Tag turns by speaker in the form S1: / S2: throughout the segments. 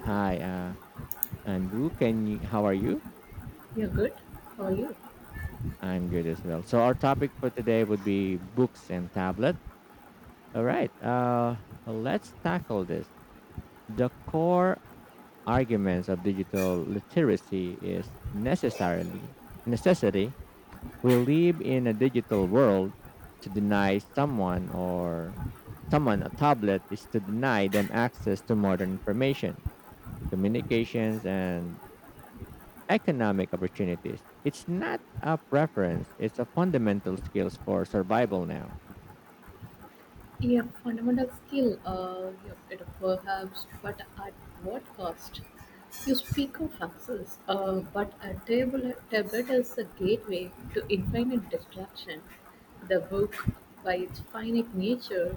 S1: Hi, Anbu. Can you? How are you?
S2: Yeah, good. How are you?
S1: I'm good as well. So our topic for today would be books and tablet. All right. Let's tackle this. The core arguments of digital literacy is necessarily necessity. We live in a digital world. To deny someone or someone a tablet is to deny them access to modern information, communications, and economic opportunities. It's not a preference, it's a fundamental skills for survival now.
S2: Yeah, fundamental skill, yep, it perhaps, but at what cost? You speak of success, but a tablet is a gateway to infinite distraction. The book, by its finite nature,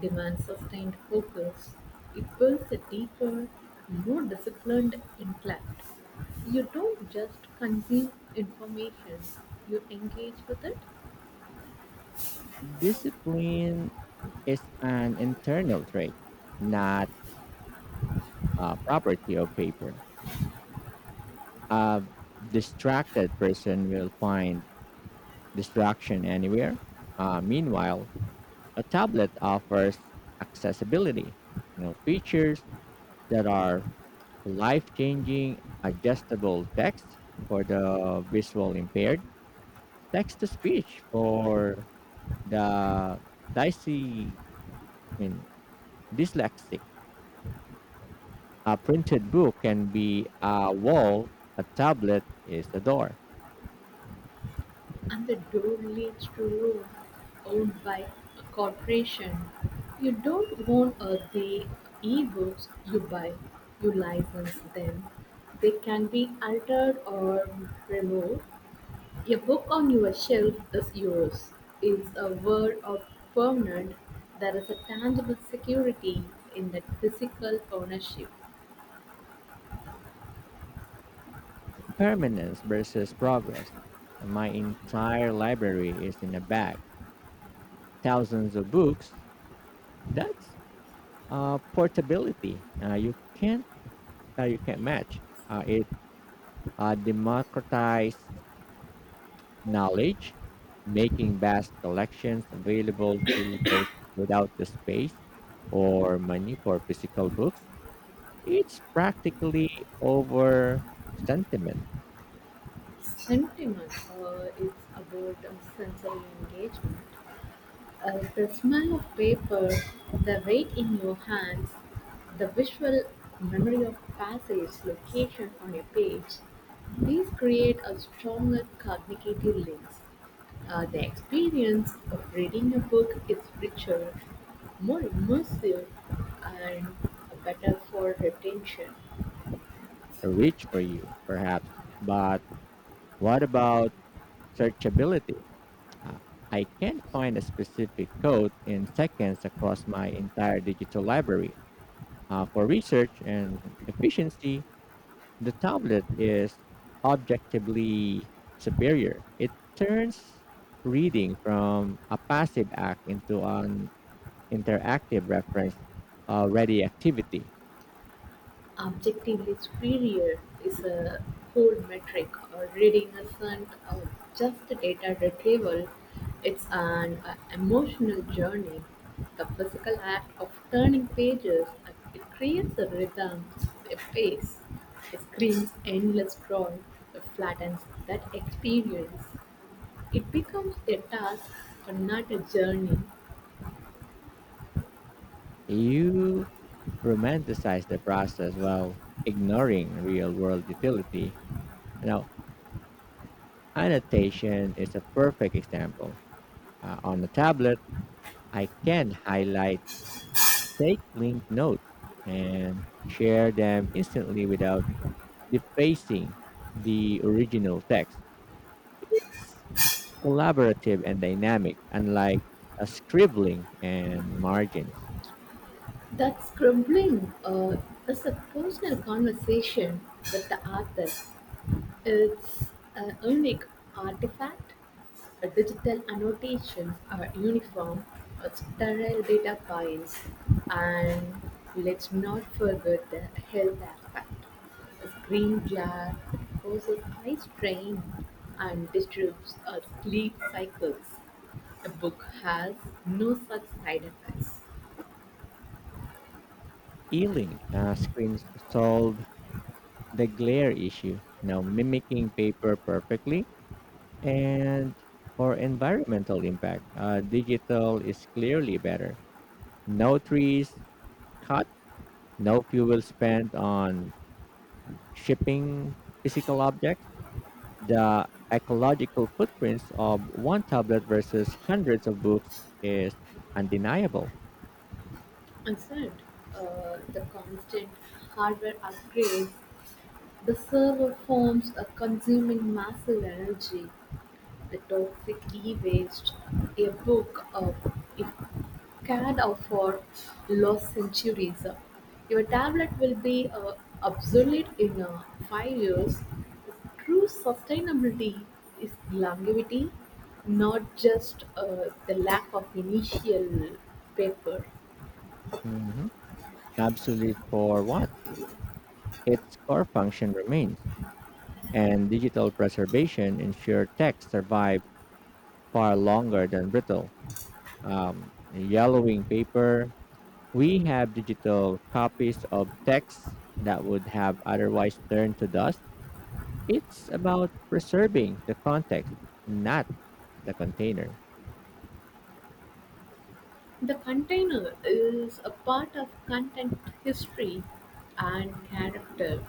S2: demands sustained focus. It builds a deeper, more disciplined intellect. You don't just consume information, you engage with it.
S1: Discipline is an internal trait, not a property of paper. A distracted person will find distraction anywhere. Meanwhile, a tablet offers accessibility, features that are life-changing, adjustable text for the visual impaired, text-to-speech for the dysy. I mean, dyslexic. A printed book can be a wall, a tablet is a door.
S2: And the door leads to room owned by a corporation. You don't own the e-books you buy, you license them. They can be altered or removed. A book on your shelf is yours. It's a word of permanent. There is a tangible security in that physical ownership.
S1: Permanence versus progress. My entire library is in a bag. Thousands of books, that's portability. You can't match. It democratized knowledge, making vast collections available to those without the space or money for physical books. It's practically over sentiment,
S2: Sentiment is about sensory engagement. The smell of paper, the weight in your hands, the visual memory of passage location on a page, these create a stronger cognitive links. The experience of reading a book is richer, more immersive, and better for retention.
S1: rich for you, perhaps. But what about searchability? Uh, I can't find a specific code in seconds across my entire digital library. For research and efficiency, the tablet is objectively superior. It turns reading from a passive act into an interactive reference ready activity.
S2: Objectively superior is a cold metric, or reading isn't just data retrieval, it's an emotional journey. The physical act of turning pages, it creates a rhythm, a pace. It screams endless scroll, it flattens that experience. It becomes a task, but not a journey.
S1: You romanticize the process while ignoring real world utility. Now, annotation is a perfect example. On the tablet, I can highlight, take linked notes and share them instantly without defacing the original text. It's collaborative and dynamic, unlike a scribbling and margins.
S2: That scribbling is a personal conversation with the author. It's a unique artifact, a digital annotation, a uniform, a sterile data files. And let's not forget the health aspect. A screen glare causes eye strain and disturbs our sleep cycles. A book has no such side effects.
S1: E-link screens solve the glare issue, now mimicking paper perfectly. And for environmental impact, digital is clearly better. No trees cut, no fuel spent on shipping physical objects, the ecological footprints of one tablet versus hundreds of books is undeniable.
S2: And third, the constant hardware upgrades. The server forms are consuming massive energy, the toxic e-waste, a book you can't afford, lost centuries. Your tablet will be obsolete in 5 years. True sustainability is longevity, not just the lack of initial paper.
S1: Mhm. Absolute for what? Its core function remains, and digital preservation ensure text survive far longer than brittle, yellowing paper. We have digital copies of texts that would have otherwise turned to dust. It's about preserving the context, not the container.
S2: The container is a part of content history and character.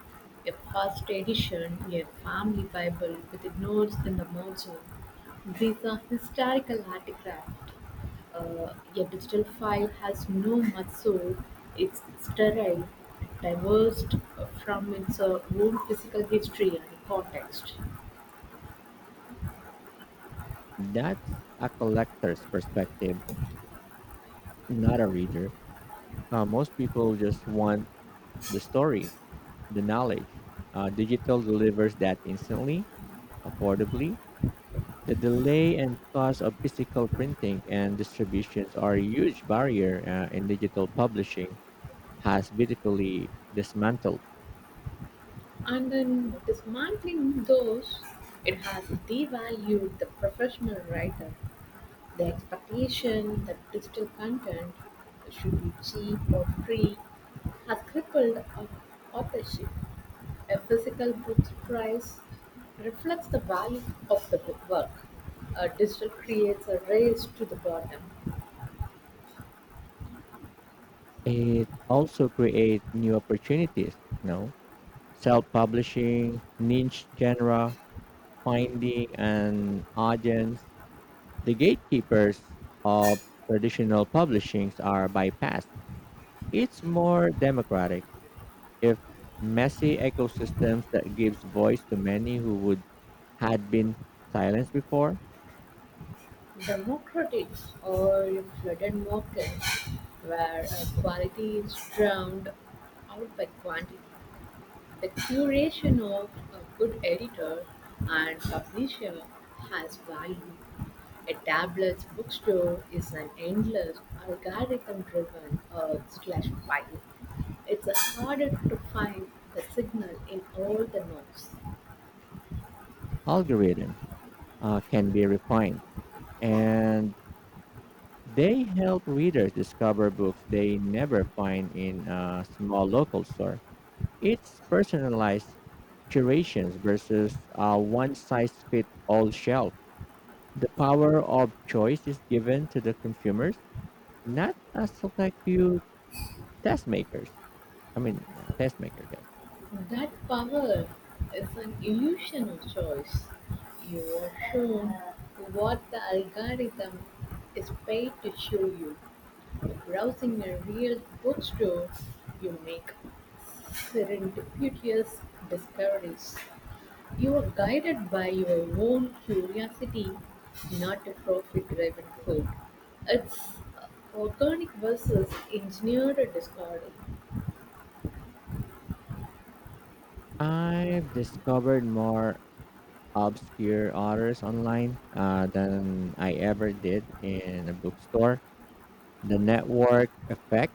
S2: A first edition, a family Bible with notes in the margin. These are historical artifacts. A digital file has no much soul. It's sterile, divorced from its own physical history and context.
S1: That's a collector's perspective, not a reader. Most people just want the story, the knowledge. Digital delivers that instantly, affordably. The delay and cost of physical printing and distributions are a huge barrier in digital publishing has beautifully dismantled.
S2: Dismantling those, it has devalued the professional writer. The expectation that digital content should be cheap or free has crippled authorship. A physical book's price reflects the value of the book work. A digital creates a race to the bottom.
S1: It also creates new opportunities, you know, self-publishing, niche genre, finding an audience. The gatekeepers of traditional publishings are bypassed. It's more democratic. If messy ecosystems that gives voice to many who would had been silenced before,
S2: Democratic or a flooded market where quality is drowned out by quantity. The curation of a good editor and publisher has value. A tablet's bookstore is an endless algorithm-driven slash file. It's harder to find the signal in all the noise.
S1: algorithms can be refined and they help readers discover books they never find in a small local store. It's personalized curations versus a one size fit all shelf. The power of choice is given to the consumers, not a select few test makers. I mean, yeah, test makers, yes.
S2: That power is an illusion of choice. You are shown what the algorithm is paid to show you. Browsing a real bookstore, you make serendipitous discoveries. You are guided by your own curiosity, not a profit driven pull. It's organic versus engineered discarded.
S1: I've discovered more obscure authors online than I ever did in a bookstore. The network effect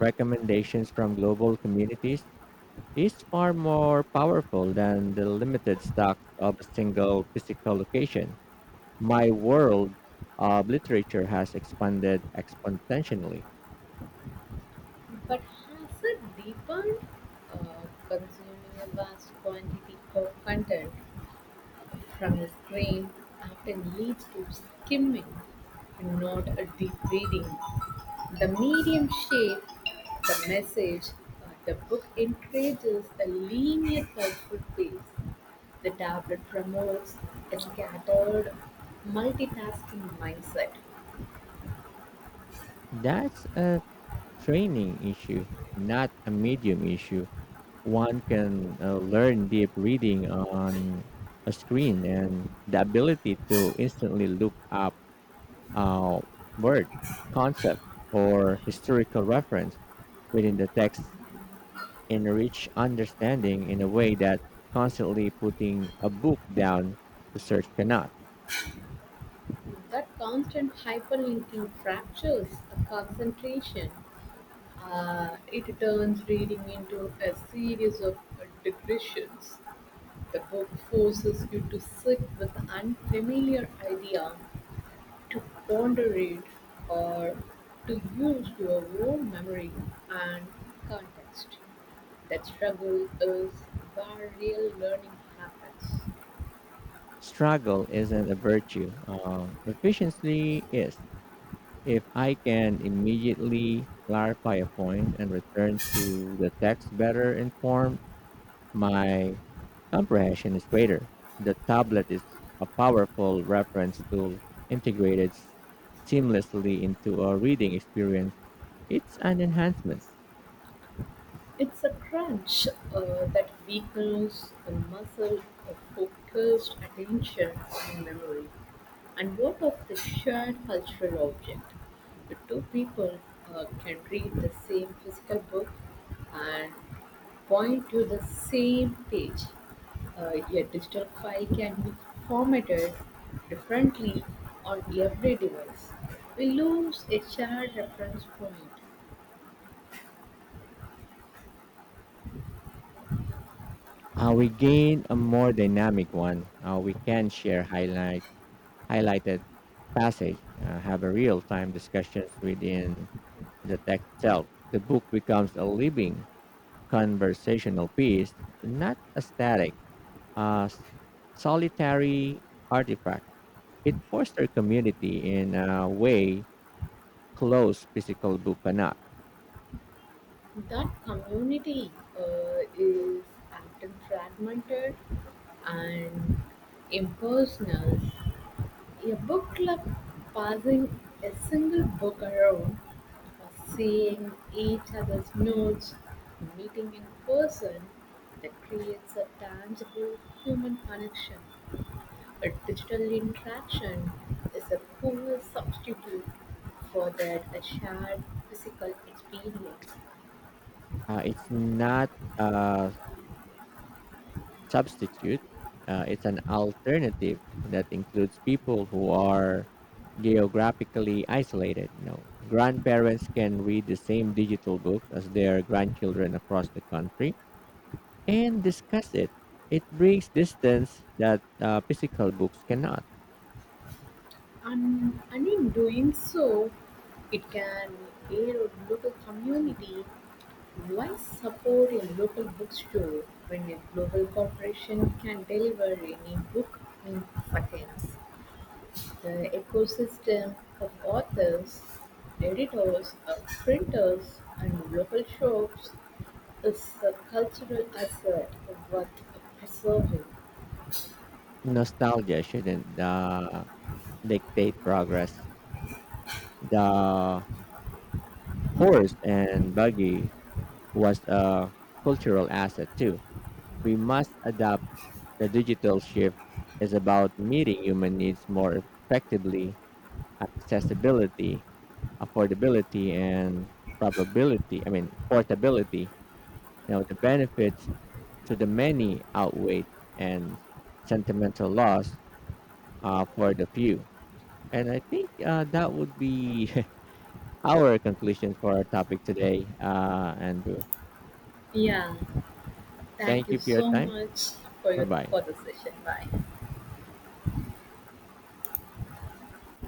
S1: recommendations from global communities is far more powerful than the limited stocks of a single physical location. My world of literature has expanded exponentially.
S2: But has it deepened, consuming a vast quantity of content? From his brain often leads to skimming and not a deep reading. The medium shape, the message, the book encourages a linear thoughtful pace. The tablet promotes a scattered, multitasking mindset.
S1: That's a training issue, not a medium issue. One can learn deep reading on a screen, and the ability to instantly look up uh, word, concept, or historical reference within the text enrich understanding in a way that constantly putting a book down to search cannot.
S2: That constant hyperlinking fractures a concentration. It turns reading into a series of digressions. The book forces you to sit with an unfamiliar idea, to ponder it, or to use your own memory and context. That struggle is where real learning happens.
S1: Struggle isn't a virtue. Efficiency is. If I can immediately clarify a point and return to the text better informed, my comprehension is greater. The tablet is a powerful reference tool integrated seamlessly into a reading experience. It's an enhancement.
S2: It's a crunch that weakens the muscle of focused attention and memory. And what of the shared cultural object? Two people can read the same physical book and point to the same page. A digital file can be formatted differently on every device. We lose a shared reference point.
S1: We gain a more dynamic one. We can share highlighted passage, have a real-time discussions within the text itself. The book becomes a living conversational piece, not a static, uh, solitary artifact. It fosters community in a way close physical book cannot.
S2: That community is often fragmented and impersonal. A book club passing a single book around, seeing each other's notes, meeting in person, that creates a tangible human connection. A digital interaction is a poor substitute for that a shared physical experience.
S1: It's not a substitute. It's an alternative that includes people who are geographically isolated. You know, grandparents can read the same digital books as their grandchildren across the country and discuss it. It brings distance that physical books cannot.
S2: And in doing so, it can aid a local community. Why support a local bookstore when a global corporation can deliver any book in seconds? The ecosystem of authors, editors, printers, and local shops is a cultural asset worth preserving.
S1: Nostalgia shouldn't dictate progress. The horse and buggy was a cultural asset too. We must adapt. The digital shift is about meeting human needs more effectively. Accessibility, affordability, and portability. Now, the benefits to the many outweigh and sentimental loss for the few. And I think that would be our conclusion for our topic today, Andrew.
S2: Yeah, thank
S1: Thank
S2: you
S1: you for your
S2: so
S1: time.
S2: much
S1: Bye bye.
S2: for the session. Bye.